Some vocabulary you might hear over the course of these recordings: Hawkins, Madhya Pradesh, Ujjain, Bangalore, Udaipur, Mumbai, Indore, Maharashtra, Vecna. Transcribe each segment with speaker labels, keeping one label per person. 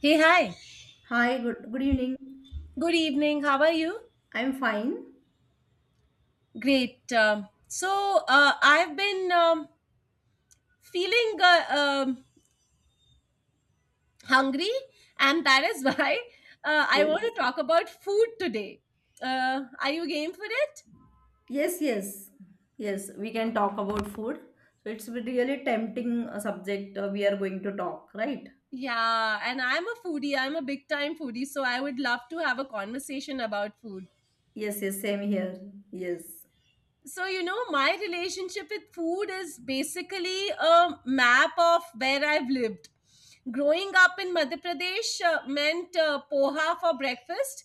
Speaker 1: Hey, hi.
Speaker 2: Hi, good, good evening.
Speaker 1: Good evening. How are you?
Speaker 2: I'm fine.
Speaker 1: Great. I've been feeling hungry, and that is why I want
Speaker 2: Yes.
Speaker 1: to talk about food today. Are you game for it?
Speaker 2: Yes, yes, yes, we can talk about food. So it's really tempting subject, we are going to talk, right?
Speaker 1: Yeah, and I'm a foodie. I'm a big time foodie, so I would love to have a conversation about food.
Speaker 2: Yes, yes, same here. Yes.
Speaker 1: So, you know, my relationship with food is basically a map of where I've lived. Growing up in Madhya Pradesh meant poha for breakfast,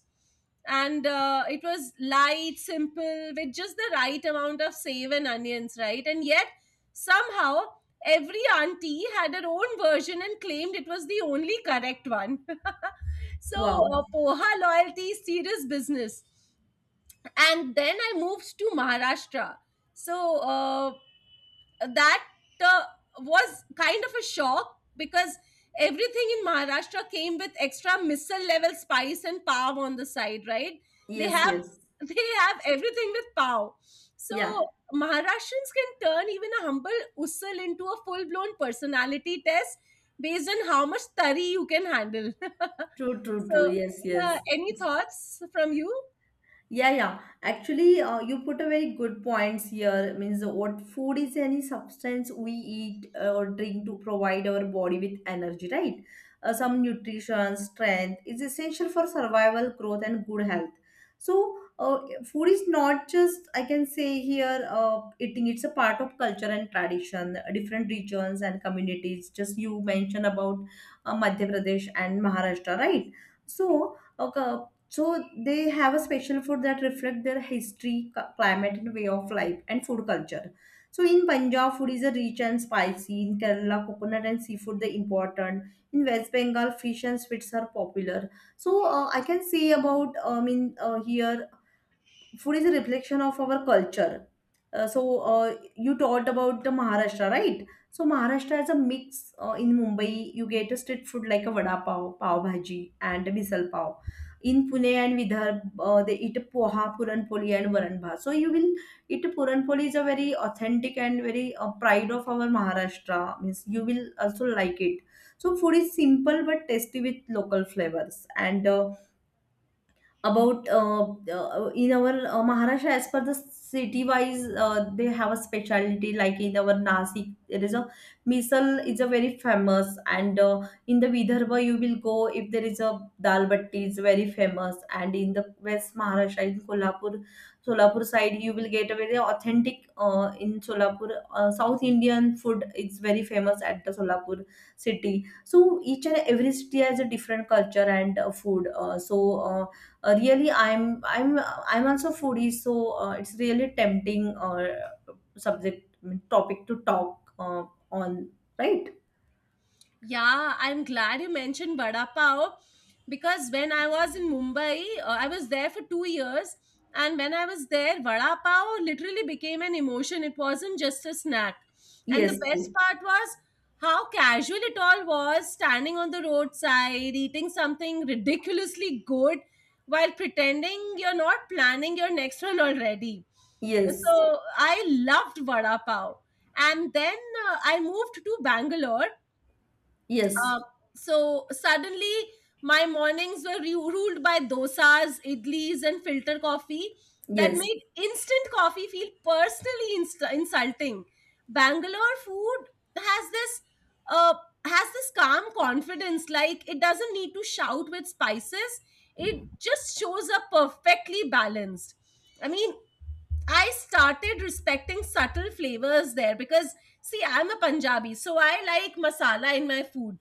Speaker 1: and it was light, simple, with just the right amount of save and onions, right? And yet, somehow, every auntie had her own version and claimed it was the only correct one. So
Speaker 2: Wow.
Speaker 1: poha loyalty is serious business, and then I moved to Maharashtra. So uh, that uh, was kind of a shock because everything in Maharashtra came with extra missile level spice and pav on the side, right? They
Speaker 2: Yes,
Speaker 1: have
Speaker 2: yes.
Speaker 1: they have everything with pav. So
Speaker 2: Yeah.
Speaker 1: Maharashtrians can turn even a humble usal into a full blown personality test based on how much tari you can handle.
Speaker 2: True, true, true.
Speaker 1: So
Speaker 2: Yes,
Speaker 1: yeah,
Speaker 2: yes.
Speaker 1: any thoughts from you?
Speaker 2: Yeah, yeah. Actually, you put a very good points here. Means what food is any substance we eat or drink to provide our body with energy, right? Some nutrition, strength is essential for survival, growth, and good health. So, food is not just I can say here eating. It's a part of culture and tradition. Different regions and communities. Just you mentioned about Madhya Pradesh and Maharashtra, right? So. Okay, so they have a special food that reflect their history, climate, and way of life and food culture. So in Punjab, food is a rich and spicy. In Kerala, coconut and seafood are important. In West Bengal, fish and sweets are popular. So I can say about I mean here, food is a reflection of our culture, you taught about the Maharashtra, right? So Maharashtra is a mix. In Mumbai, you get a street food like a vada pav, pav bhaji, and a misal pav. In Pune and Vidharb, they eat poha, puranpoli, and varan bhat. So you will eat puranpoli is a very authentic and very, pride of our Maharashtra. Means you will also like it. So food is simple but tasty with local flavors and. About in our Maharashtra as per the city wise, they have a specialty like in our Nasik there is a misal is a very famous and, in the Vidarbha you will go if there is a dal batti is very famous and in the West Maharashtra in Kolhapur Solapur side you will get a very authentic, in Solapur, South Indian food is very famous at the Solapur city so each and every city has a different culture and food, really I'm also foodie so, it's really tempting, subject I mean, topic to talk on, right?
Speaker 1: Yeah, I'm glad you mentioned Vada Pav because when I was in Mumbai, I was there for 2 years. And when I was there, Vada Pav literally became an emotion. It wasn't just a snack. And the
Speaker 2: Yes,
Speaker 1: best part was how casual it all was, standing on the roadside, eating something ridiculously good while pretending you're not planning your next one already.
Speaker 2: yes,
Speaker 1: So I loved Vada Pav. And then I moved to Bangalore.
Speaker 2: yes,
Speaker 1: um, so suddenly my mornings were ruled by dosas, idlis, and filter coffee that
Speaker 2: yes,
Speaker 1: made instant coffee feel personally insulting. Bangalore food has this uh, has this calm confidence, like it doesn't need to shout with spices. It just shows up perfectly balanced. I mean, I started respecting subtle flavors there because, see, I'm a Punjabi, so I like masala in my food.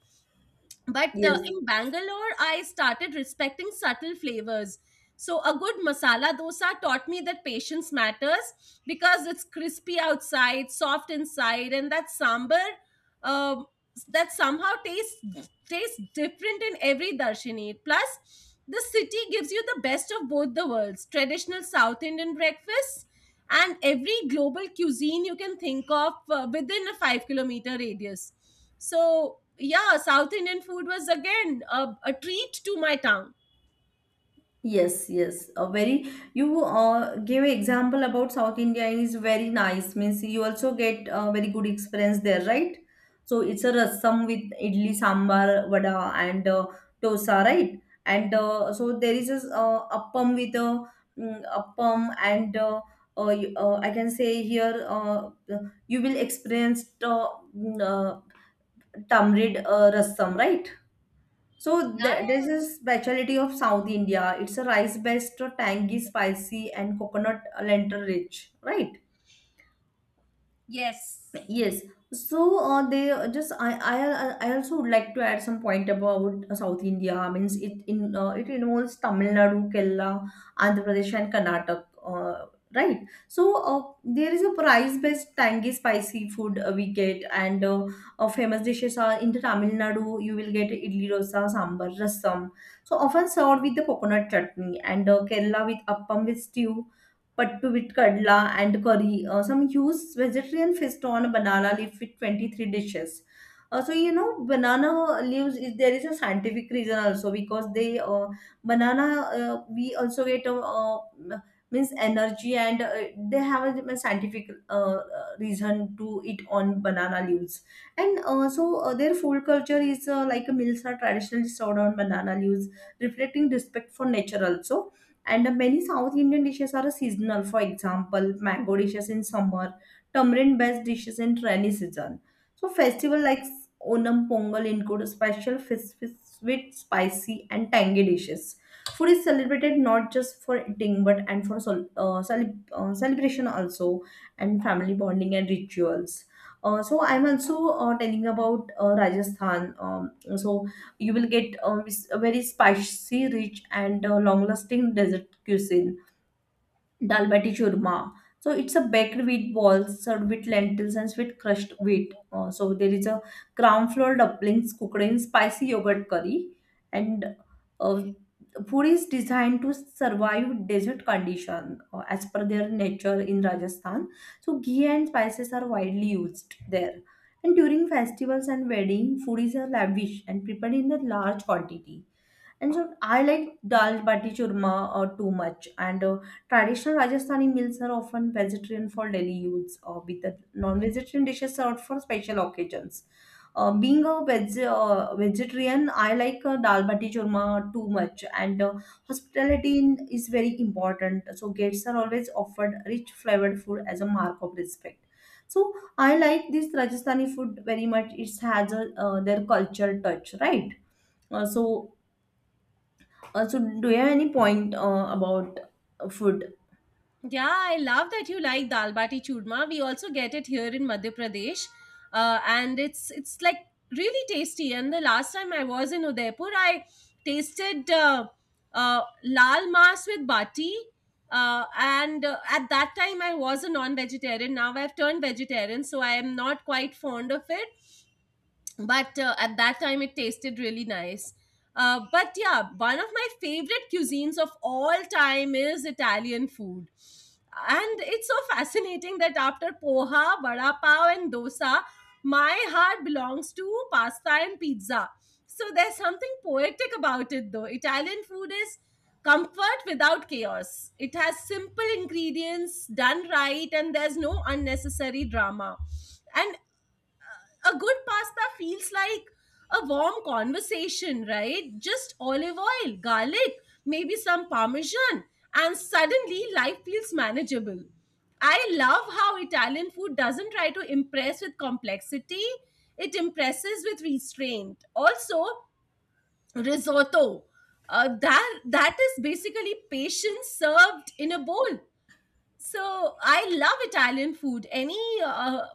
Speaker 1: But
Speaker 2: yes.
Speaker 1: in Bangalore, I started respecting subtle flavors. So a good masala dosa taught me that patience matters because it's crispy outside, soft inside, and that sambar um, that somehow tastes different in every darshini. Plus, the city gives you the best of both the worlds: traditional South Indian breakfast and every global cuisine you can think of within a 5-kilometer radius. So yeah, South Indian food was again a treat to my tongue.
Speaker 2: Yes, yes. A very, you gave an example about South India is very nice. Means you also get a very good experience there, right? So it's a rasam with idli, sambar, vada, and dosa, right? And so there is a, appam with a, appam and, I can say here, you will experience, mm, uh, tamarind rasam, right? So
Speaker 1: Yeah, yeah,
Speaker 2: there's
Speaker 1: yeah.
Speaker 2: a specialty of South India. It's a rice based, tangy, spicy, and coconut lentil rich, right?
Speaker 1: Yes.
Speaker 2: Yes. So they, just I also would like to add some point about South India. Means it in, it involves Tamil Nadu, Kerala, Andhra Pradesh, and Karnataka. Right. So there is a price-based tangy spicy food we get, and, famous dishes are in the Tamil Nadu. You will get idli dosa, sambar, rasam. So often served with the coconut chutney, and Kerala with appam with stew pattu with kadla and curry. Some use vegetarian feast on banana leaf with 23 dishes. So you know banana leaves is there is a scientific reason also because they, banana, we also get, means energy and, they have a, scientific, reason to eat on banana leaves and, their food culture is, like a meals are traditionally served on banana leaves reflecting respect for nature also, and many South Indian dishes are seasonal. For example, mango dishes in summer, tamarind-based dishes in rainy season. So festival like Onam Pongal include special sweet, spicy, and tangy dishes. Food is celebrated not just for eating but and for celebration also, and family bonding and rituals. So I'm also telling about Rajasthan. So you will get a very spicy, rich, and long-lasting dessert cuisine. Dal bati churma. So it's a baked wheat ball served with lentils and sweet crushed wheat. So there is a crown flour dumplings cooked in spicy yogurt curry, and, uh, food is designed to survive desert condition as per their nature in Rajasthan. So ghee and spices are widely used there. And during festivals and wedding, food is lavish and prepared in a large quantity. And so I like dal bati churma too much. And, traditional Rajasthani meals are often vegetarian for daily use, with the non-vegetarian dishes served for special occasions. Being a vegetarian, I like dal bati churma too much, and, hospitality is very important. So guests are always offered rich flavored food as a mark of respect. So I like this Rajasthani food very much. It has a, their culture touch, right? Uh, so so, do you have any point about food?
Speaker 1: Yeah, I love that you like dal bati churma. We also get it here in Madhya Pradesh, and it's like really tasty. And the last time I was in Udaipur, I tasted lal mas with bati. And At that time, I was a non-vegetarian. Now I've turned vegetarian, so I am not quite fond of it, but at that time it tasted really nice. But yeah, one of my favorite cuisines of all time is Italian food, and it's so fascinating that after poha, vada pav and dosa, my heart belongs to pasta and pizza. So there's something poetic about it. Though Italian food is comfort without chaos, it has simple ingredients done right, and there's no unnecessary drama. And a good pasta feels like a warm conversation, right? Just olive oil, garlic, maybe some parmesan, and suddenly life feels manageable. I love how Italian food doesn't try to impress with complexity, it impresses with restraint. Also, risotto. That is basically patience served in a bowl. So I love Italian food. Any uh,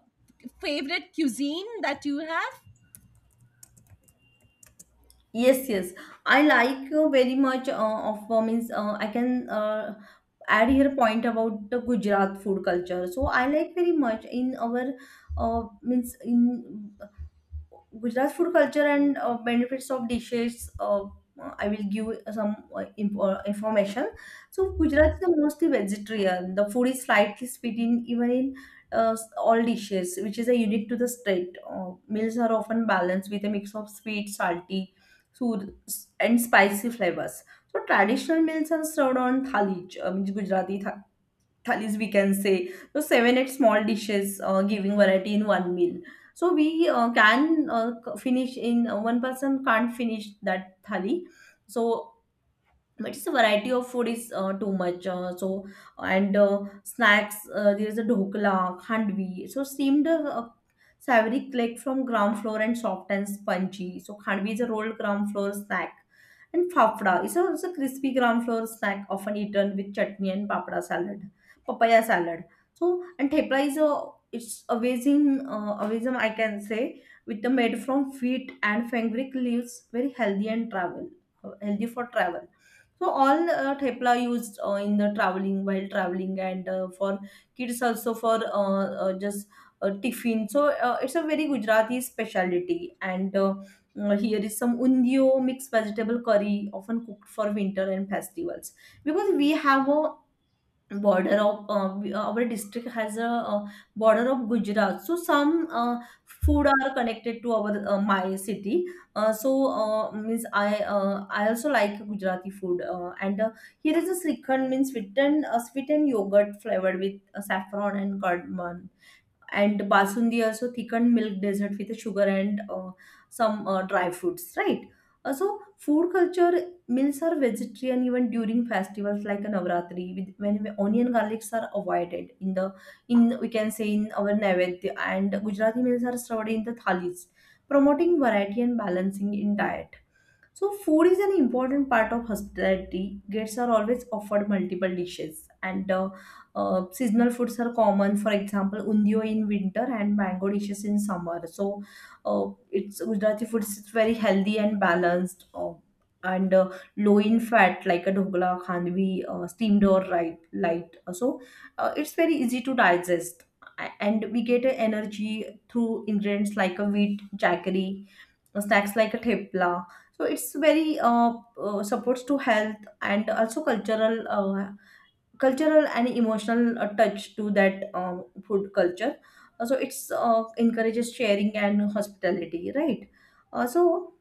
Speaker 1: favorite cuisine that you have?
Speaker 2: Yes, yes. I like, very much, of means, I can add here point about the Gujarat food culture. So I like very much in our, means in Gujarat food culture and benefits of dishes. I will give some information. So Gujarat is mostly vegetarian. The food is slightly sweet in even in, all dishes, which is a unique to the state. Meals are often balanced with a mix of sweet, salty, sour, and spicy flavors. So traditional meals are served on thali, means Gujarati thalis we can say, so seven eight small dishes giving variety in one meal. So we, finish in, one person can't finish that thali. So but just a variety of food is too much, so and, snacks, there is a dhokla khandvi, so steamed, savory cake from ground floor and soft and spongy, so khandvi is a rolled ground floor snack and fafda is a crispy ground floor snack often eaten with chutney and papada salad, papaya salad. So and thepla is a, it's amazing, amazing I can say, with the made from wheat and fenugreek leaves, very healthy and travel, healthy for travel. So all, thepla used in the traveling while traveling and for kids also for, just tiffin. So it's a very Gujarati specialty and, here is some undio mixed vegetable curry often cooked for winter and festivals, because we have a border of, our district has a border of Gujarat. So some food are connected to our, my city. So means I also like Gujarati food. And, here is a srikhand, means sweetened, sweetened yogurt flavored with saffron and cardamom, and basundi also thickened milk dessert with sugar and, some dry fruits, right? So food culture, meals are vegetarian even during festivals like a navratri with, when onion garlics are avoided in the, in we can say in our naivedya, and gujarati meals are served in the thalis, promoting variety and balancing in diet. So, food is an important part of hospitality. Guests are always offered multiple dishes, and, seasonal foods are common. For example, undio in winter and mango dishes in summer. So, uh, it's Gujarati food is very healthy and balanced, and low in fat, like a dhokla, khandvi, steamed or right, light. So, it's very easy to digest, and we get energy through ingredients like a wheat, jaggery, snacks like a thepla. So it's very, supports to health and also cultural, cultural and emotional touch to that food culture. So it's encourages sharing and hospitality, right? uh, so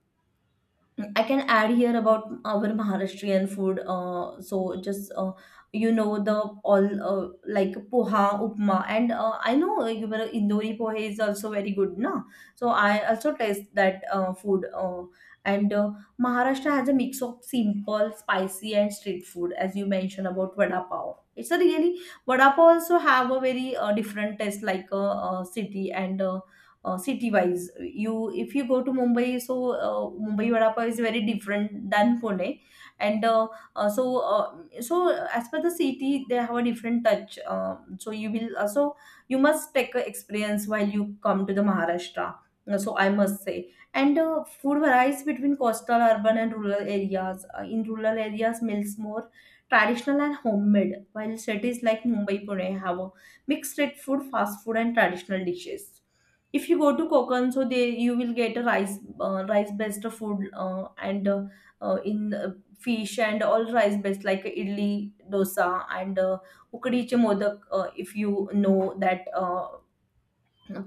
Speaker 2: I can add here about our Maharashtrian food. So just you know the all, like poha, upma, and I know your Indori poha is also very good, na. So I also taste that food. And, Maharashtra has a mix of simple, spicy, and street food, as you mentioned about vada pav. It's a really, vada pav also have a very different taste like a, city and. City wise, you, if you go to Mumbai, so uh, Mumbai vada pav is very different than Pune, and uh, so uh, so as per the city they have a different touch, so you will also you must take a experience while you come to the Maharashtra. So I must say and food varies between coastal, urban, and rural areas. In rural areas meals more traditional and homemade, while cities like Mumbai, Pune have a mixed street food, fast food, and traditional dishes. If you go to Konkan, so they you will get a rice rice based food, and in fish and all rice based like idli, dosa, and ukadiche modak. If you know that,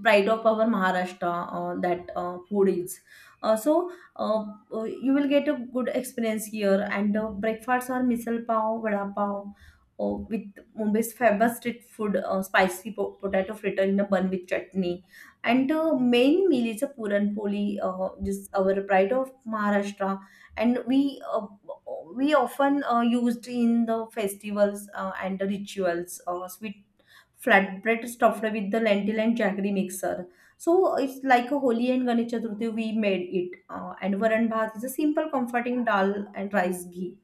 Speaker 2: pride of our Maharashtra, that food is. Uh, so uh, you will get a good experience here, and breakfasts are misal pav, vada pav, with Mumbai's famous street food, spicy potato fritter in a bun with chutney, and main meal is a puran poli, just our pride of Maharashtra, and we often used in the festivals and the rituals. Sweet flatbread stuffed with the lentil and jaggery mixer. So it's like a holy and Ganesh Chaturthi we made it. And varan bhat is a simple comforting dal and rice ghee.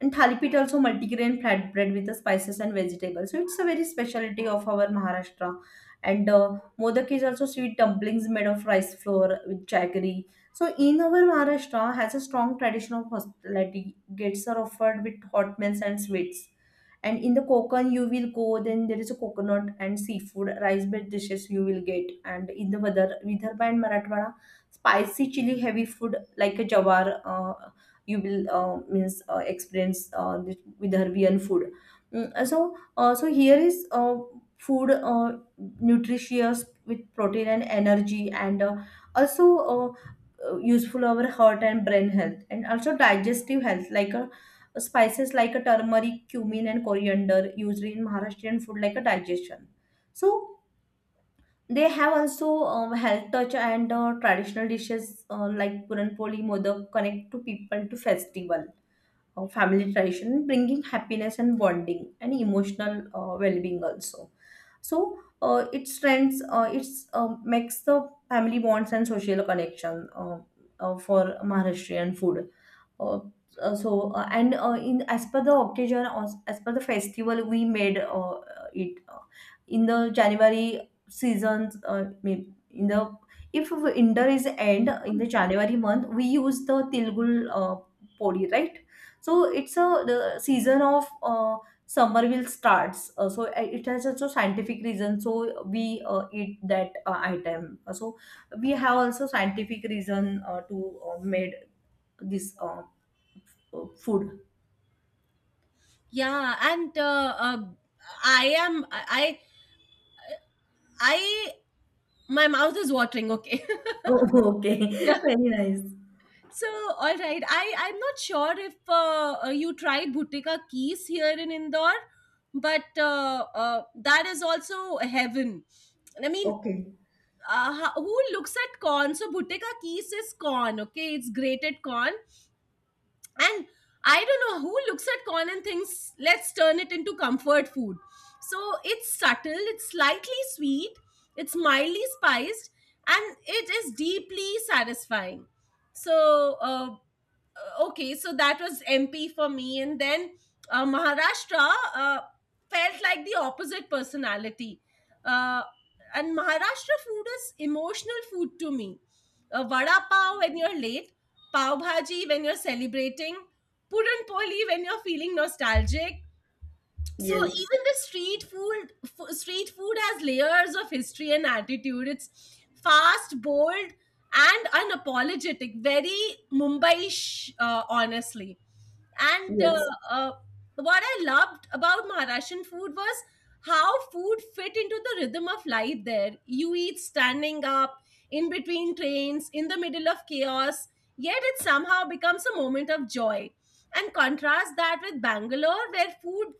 Speaker 2: And thalipit also multigrain flatbread with the spices and vegetables. So it's a very specialty of our Maharashtra. And modak is also sweet dumplings made of rice flour with jaggery. So in our Maharashtra has a strong tradition of hospitality. Gates are offered with hot meals and sweets, and in the Konkan you will go, then there is a coconut and seafood rice based dishes you will get, and in the Vidarbha and Marathwada spicy chili heavy food like a jawar, you will means experience this Vidarbhian food. So here is food, nutritious with protein and energy, and also uh, useful our heart and brain health, and also digestive health like a spices like a turmeric, cumin, and coriander used in Maharashtrian food like a digestion. So they have also health touch, and traditional dishes like puranpoli, modak, connect to people to festival, family tradition, bringing happiness and bonding and emotional well-being also. So it strengths, it's makes the family bonds and social connection for Maharashtrian food. Uh, so and In as per the occasion or as per the festival we made it in the January seasons, in the, if winter is end, in the January month we use the tilgul uh, podi, right? So it's a the season of uh, summer will starts. So it has also scientific reason, so we eat that item. So we have also scientific reason to made this Oh, food.
Speaker 1: Yeah, and I am I my mouth is watering. Okay.
Speaker 2: Oh, okay.
Speaker 1: Yeah.
Speaker 2: Very nice.
Speaker 1: So all right, I'm not sure if you tried Bhutika Keys here in Indore, but that is also heaven. I mean, who looks at corn? So Bhutika Keys is corn. Okay, it's grated corn, and I don't know who looks at corn and thinks let's turn it into comfort food. So it's subtle, it's slightly sweet, it's mildly spiced, and it is deeply satisfying. So okay, so that was MP for me, and then Maharashtra uh, felt like the opposite personality. Uh, and Maharashtra food is emotional food to me. Vada pav when you're late, pav bhaji when you're celebrating, puran poli when you're feeling nostalgic. So
Speaker 2: Yes.
Speaker 1: even the street food, street food has layers of history and attitude. It's fast, bold, and unapologetic. Very Mumbai, honestly. And
Speaker 2: Yes.
Speaker 1: uh, what I loved about Maharashtrian food was how food fit into the rhythm of life there. You eat standing up, in between trains, in the middle of chaos, yet it somehow becomes a moment of joy. And contrast that with Bangalore, where food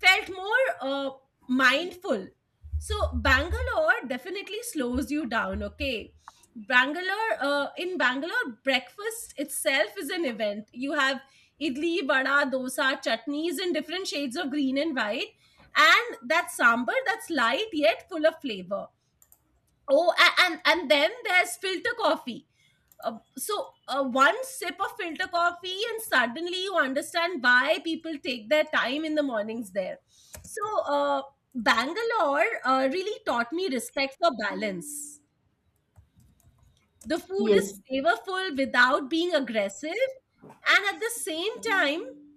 Speaker 1: felt more mindful. So Bangalore definitely slows you down, okay? In Bangalore, breakfast itself is an event. You have idli, vada, dosa, chutneys in different shades of green and white, and that sambar that's light yet full of flavor. Oh, and then there's filter coffee. So one sip of filter coffee, and suddenly you understand why people take their time in the mornings there. So Bangalore really taught me respect for balance. The food is
Speaker 2: Yes.
Speaker 1: flavorful without being aggressive, and at the same time,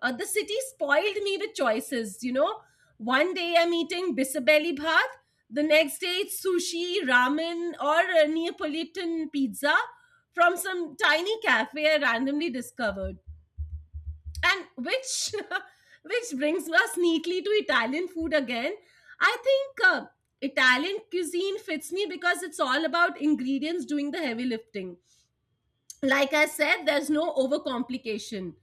Speaker 1: The city spoiled me with choices, you know. One day I'm eating bisabelli bhat, the next day it's sushi, ramen, or a Neapolitan pizza from some tiny cafe I randomly discovered. And which which brings us neatly to Italian food again. I think Italian cuisine fits me because it's all about ingredients doing the heavy lifting. Like I said, there's no overcomplication.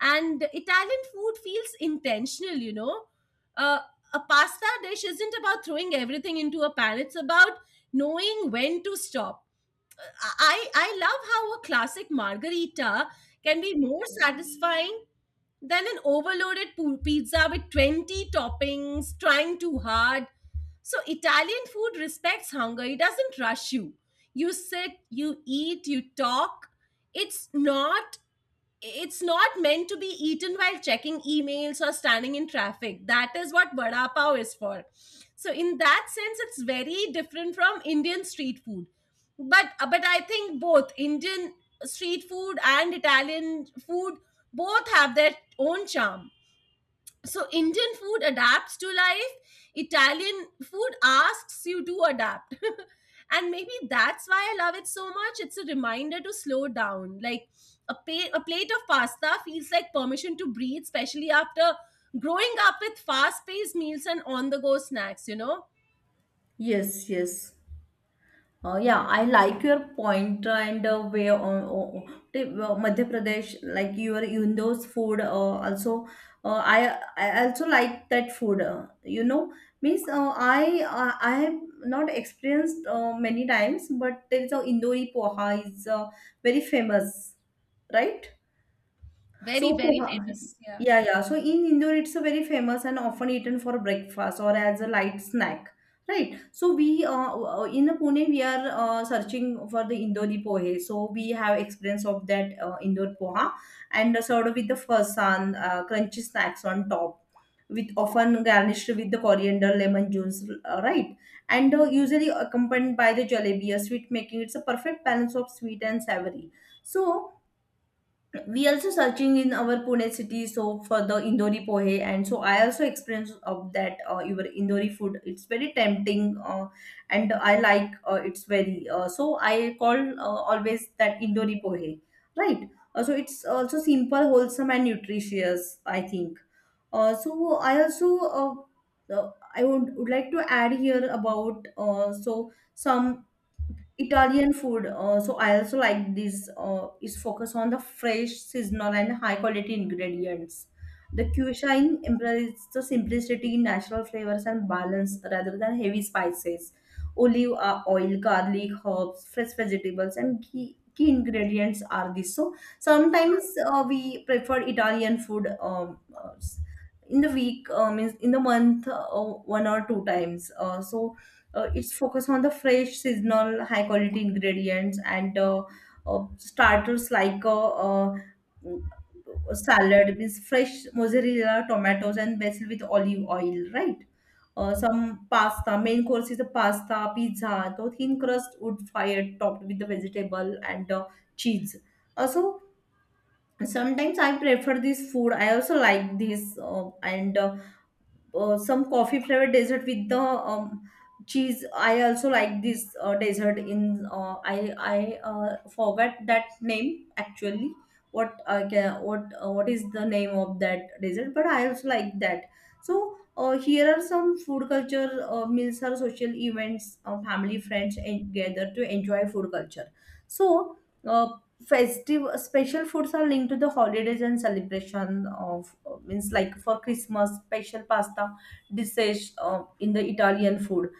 Speaker 1: And Italian food feels intentional, you know. Uh, a pasta dish isn't about throwing everything into a pan, it's about knowing when to stop. I love how a classic margarita can be more satisfying then an overloaded pizza with 20 toppings, trying too hard. So Italian food respects hunger. It doesn't rush you. You sit, you eat, you talk. It's not it's not meant to be eaten while checking emails or standing in traffic. That is what vada pav is for. So in that sense, it's very different from Indian street food. But I think both Indian street food and Italian food both have their own charm. So Indian food adapts to life, Italian food asks you to adapt. And maybe that's why I love it so much. It's a reminder to slow down, like a plate of pasta feels like permission to breathe, especially after growing up with fast paced meals and on the go snacks, you know.
Speaker 2: Yes. Yes. Yeah, I like your point, and where on, Madhya Pradesh, like your Yundo's food. Also, I also like that food. You know, means I have not experienced many times, but there is a Indori poha is very famous, right?
Speaker 1: Very,
Speaker 2: So,
Speaker 1: very
Speaker 2: poha,
Speaker 1: famous, yeah.
Speaker 2: yeah, yeah. So in Indore, it's a very famous and often eaten for breakfast or as a light snack, right? So we in Pune, we are searching for the Indori pohe. So we have experience of that Indore poha, and served with the farsan, crunchy snacks on top. With often garnished with the coriander, lemon juice, right? And usually accompanied by the jalebi, a sweet making. It's a perfect balance of sweet and savory. So we also searching in our Pune city so for the Indori pohe, and so I also experience of that your Indori food. It's very tempting, and I like it's very so I call always that Indori pohe, right. So it's also simple, wholesome, and nutritious, I think. uh, so I also uh, I would like to add here about, so some Italian food, so I also like this, is focused on the fresh, seasonal, and high quality ingredients. The cuisine embraces the simplicity, natural flavors, and balance rather than heavy spices. Olive oil, garlic, herbs, fresh vegetables, and key ingredients are this. So sometimes we prefer Italian food in the week, means in the month, one or two times. It's focused on the fresh, seasonal, high quality ingredients, and starters like salad, means fresh mozzarella, tomatoes, and basil with olive oil, right? Some pasta main course is a pasta, pizza, so thin crust wood fired topped with the vegetable and cheese also. Sometimes I prefer this food, I also like this, and some coffee flavored dessert with the cheese. I also like this dessert in I forgot that name actually. What I can, what What is the name of that dessert, but I also like that. So here are some food culture. Meals are social events, family, friends, and gather to enjoy food culture. So uh, festive special foods are linked to the holidays and celebration of, means like for Christmas special pasta dishes in the Italian food.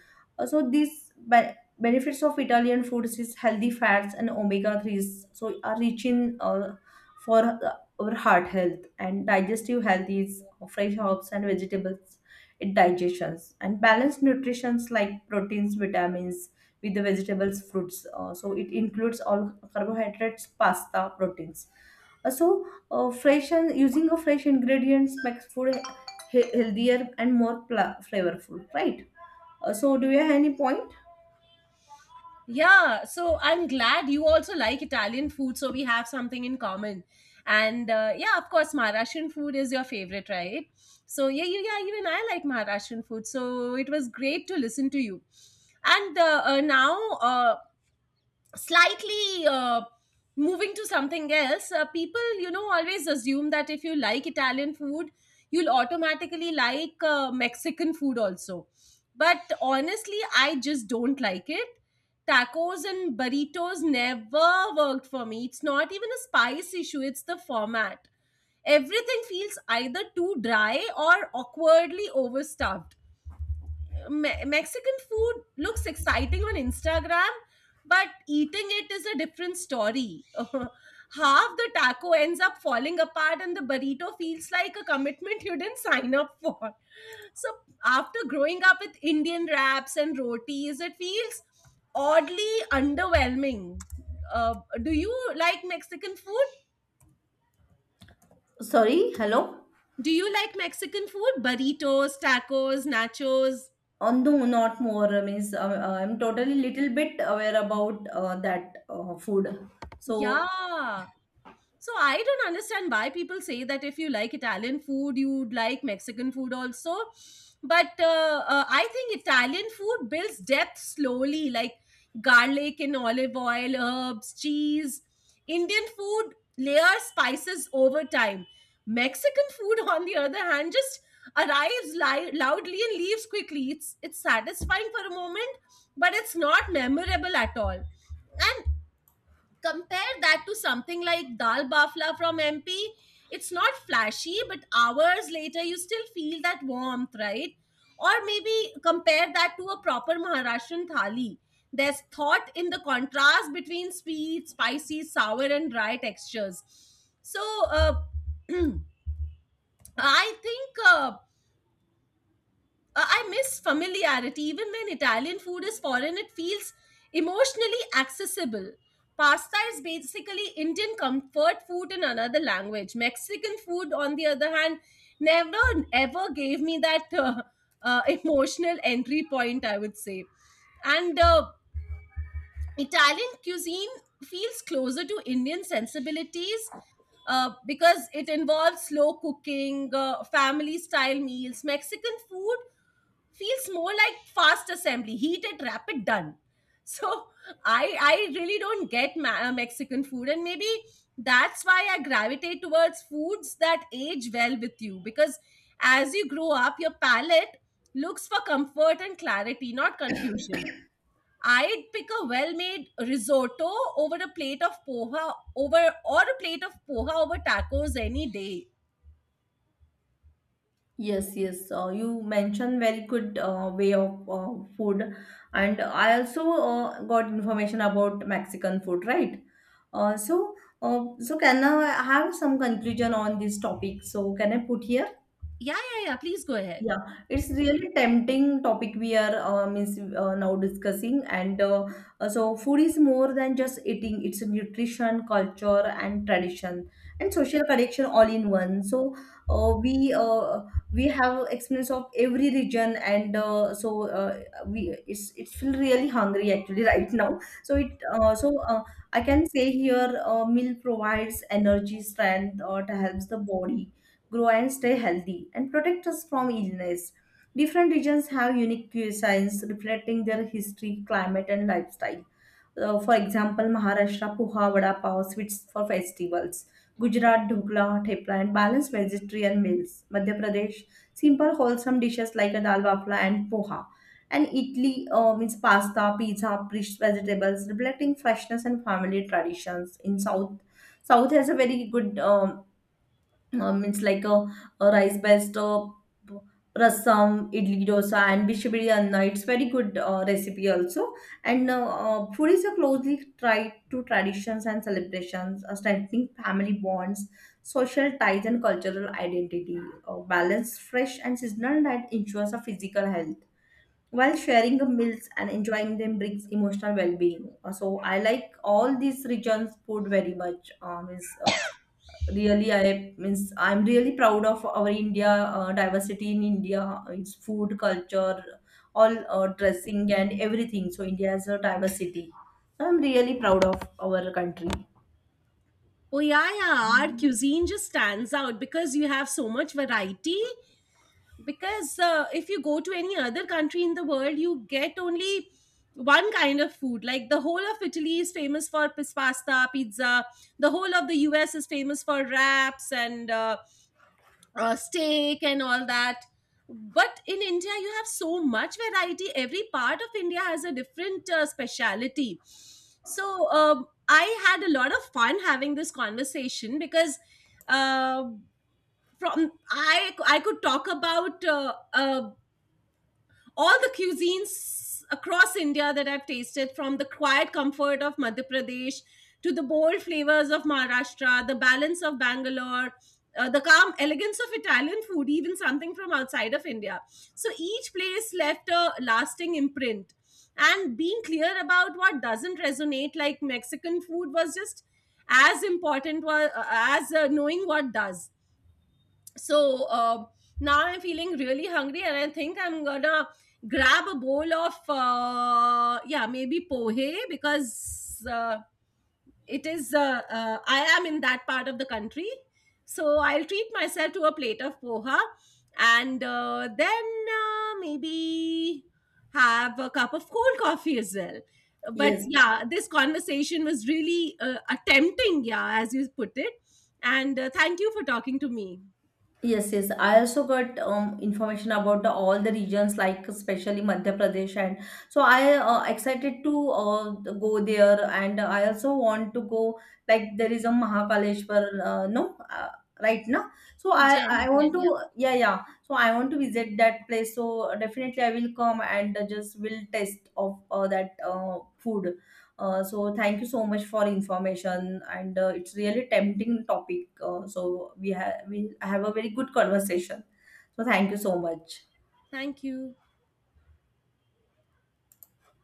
Speaker 2: So these benefits of Italian foods is healthy fats and omega 3s, so are rich in, for our heart health and digestive health is fresh herbs and vegetables in digestions and balanced nutritions like proteins, vitamins with the vegetables, fruits. So it includes all carbohydrates, pasta, proteins. So, fresh and using a fresh ingredients makes food healthier and more flavorful, right? So, do you have any point?
Speaker 1: Yeah, so I'm glad you also like Italian food, so we have something in common. And yeah, of course, Maharashtrian food is your favorite, right? So yeah, yeah, even I like Maharashtrian food. So it was great to listen to you. And now, slightly moving to something else, people, you know, always assume that if you like Italian food, you'll automatically like Mexican food also. But honestly, I just don't like it. Tacos and burritos never worked for me. It's not even a spice issue, it's the format. Everything feels either too dry or awkwardly overstuffed. Mexican food looks exciting on Instagram, but eating it is a different story. Half the taco ends up falling apart, and the burrito feels like a commitment you didn't sign up for. So after growing up with Indian wraps and rotis, it feels oddly underwhelming. Uh, do you like Mexican food?
Speaker 2: Sorry, hello.
Speaker 1: Do you like Mexican food? Burritos, tacos, nachos?
Speaker 2: On the not more, means I'm totally little bit aware about that food. So.
Speaker 1: Yeah. So I don't understand why people say that if you like Italian food, you'd like Mexican food also. But I think Italian food builds depth slowly, like garlic and olive oil, herbs, cheese. Indian food layers spices over time. Mexican food, on the other hand, just arrives loudly and leaves quickly. It's satisfying for a moment, but it's not memorable at all. And compare that to something like dal bafla from MP. It's not flashy, but hours later you still feel that warmth, right? Or maybe compare that to a proper Maharashtrian thali. There's thought in the contrast between sweet, spicy, sour and dry textures. So uh, I think I miss familiarity. Even when Italian food is foreign, it feels emotionally accessible. Pasta is basically Indian comfort food in another language. Mexican food, on the other hand, never ever gave me that emotional entry point, I would say. And Italian cuisine feels closer to Indian sensibilities because it involves slow cooking, family style meals. Mexican food feels more like fast assembly, heated, rapid, done. so i i really don't get Mexican food, and maybe that's why I gravitate towards foods that age well with you, because as you grow up your palate looks for comfort and clarity, not confusion. I'd pick a well-made risotto over or a plate of poha over tacos any day.
Speaker 2: Yes, yes. You mentioned very good way of food, and I also got information about Mexican food, right? So, so can I have some conclusion on this topic? So, can I put here?
Speaker 1: Yeah, yeah, yeah. Please go ahead.
Speaker 2: Yeah, it's really tempting topic we are means now discussing, and so food is more than just eating. It's nutrition, culture, and tradition, and social connection all in one. So uh, we uh, we have experience of every region, and we it's feel really hungry actually right now. So it so I can say here, meal provides energy, strength, or it helps the body grow and stay healthy and protect us from illness. Different regions have unique cuisines reflecting their history, climate, and lifestyle. For example, Maharashtra puha, vada pav, sweets for festivals. Gujarat dhokla, thepla, and balanced vegetarian meals. Madhya Pradesh simple wholesome dishes like a dal bafla and poha. And Italy, means pasta, pizza, fresh vegetables, reflecting freshness and family traditions. South has a very good, it's like a rice based rasam, idli, dosa, and bishi biryani. It's very good recipe also, and food is a closely tied to traditions and celebrations, strengthening family bonds, social ties, and cultural identity. Balance fresh and seasonal diet ensures a physical health, while sharing the meals and enjoying them brings emotional well-being. So I like all these regions food very much. Is really, I means I'm really proud of our India, diversity in India, its food culture, all dressing and everything. So India has a diversity, so I'm really proud of our country.
Speaker 1: Oh yeah, yeah. Our cuisine just stands out because you have so much variety. Because if you go to any other country in the world, you get only one kind of food. Like the whole of Italy is famous for pasta, pizza. The whole of the US is famous for wraps and steak and all that. But in India, you have so much variety. Every part of India has a different speciality. So I had a lot of fun having this conversation because uh, from I could talk about all the cuisines across India that I've tasted, from the quiet comfort of Madhya Pradesh to the bold flavors of Maharashtra, the balance of Bangalore, the calm elegance of Italian food, even something from outside of India. So each place left a lasting imprint. And being clear about what doesn't resonate, like Mexican food, was just as important as knowing what does. So now I'm feeling really hungry and I think I'm gonna grab a bowl of yeah, maybe pohe, because it is I am in that part of the country, so I'll treat myself to a plate of poha. And then maybe have a cup of cold coffee as well. But
Speaker 2: Yes.
Speaker 1: yeah, this conversation was really tempting, yeah, as you put it. And thank you for talking to me.
Speaker 2: Yes, yes. I also got information about the, all the regions, like especially Madhya Pradesh, and so I excited to go there, and I also want to go. Like there is a Mahakaleshwar, no, right now. So I
Speaker 1: Ujjain, Jenny,
Speaker 2: I want
Speaker 1: Jenny.
Speaker 2: to,
Speaker 1: Yeah.
Speaker 2: yeah, yeah. So I want to visit that place. So definitely I will come and just will taste of that food. So thank you so much for information, and it's really tempting topic. So we have a very good conversation. So thank you so much.
Speaker 1: Thank you.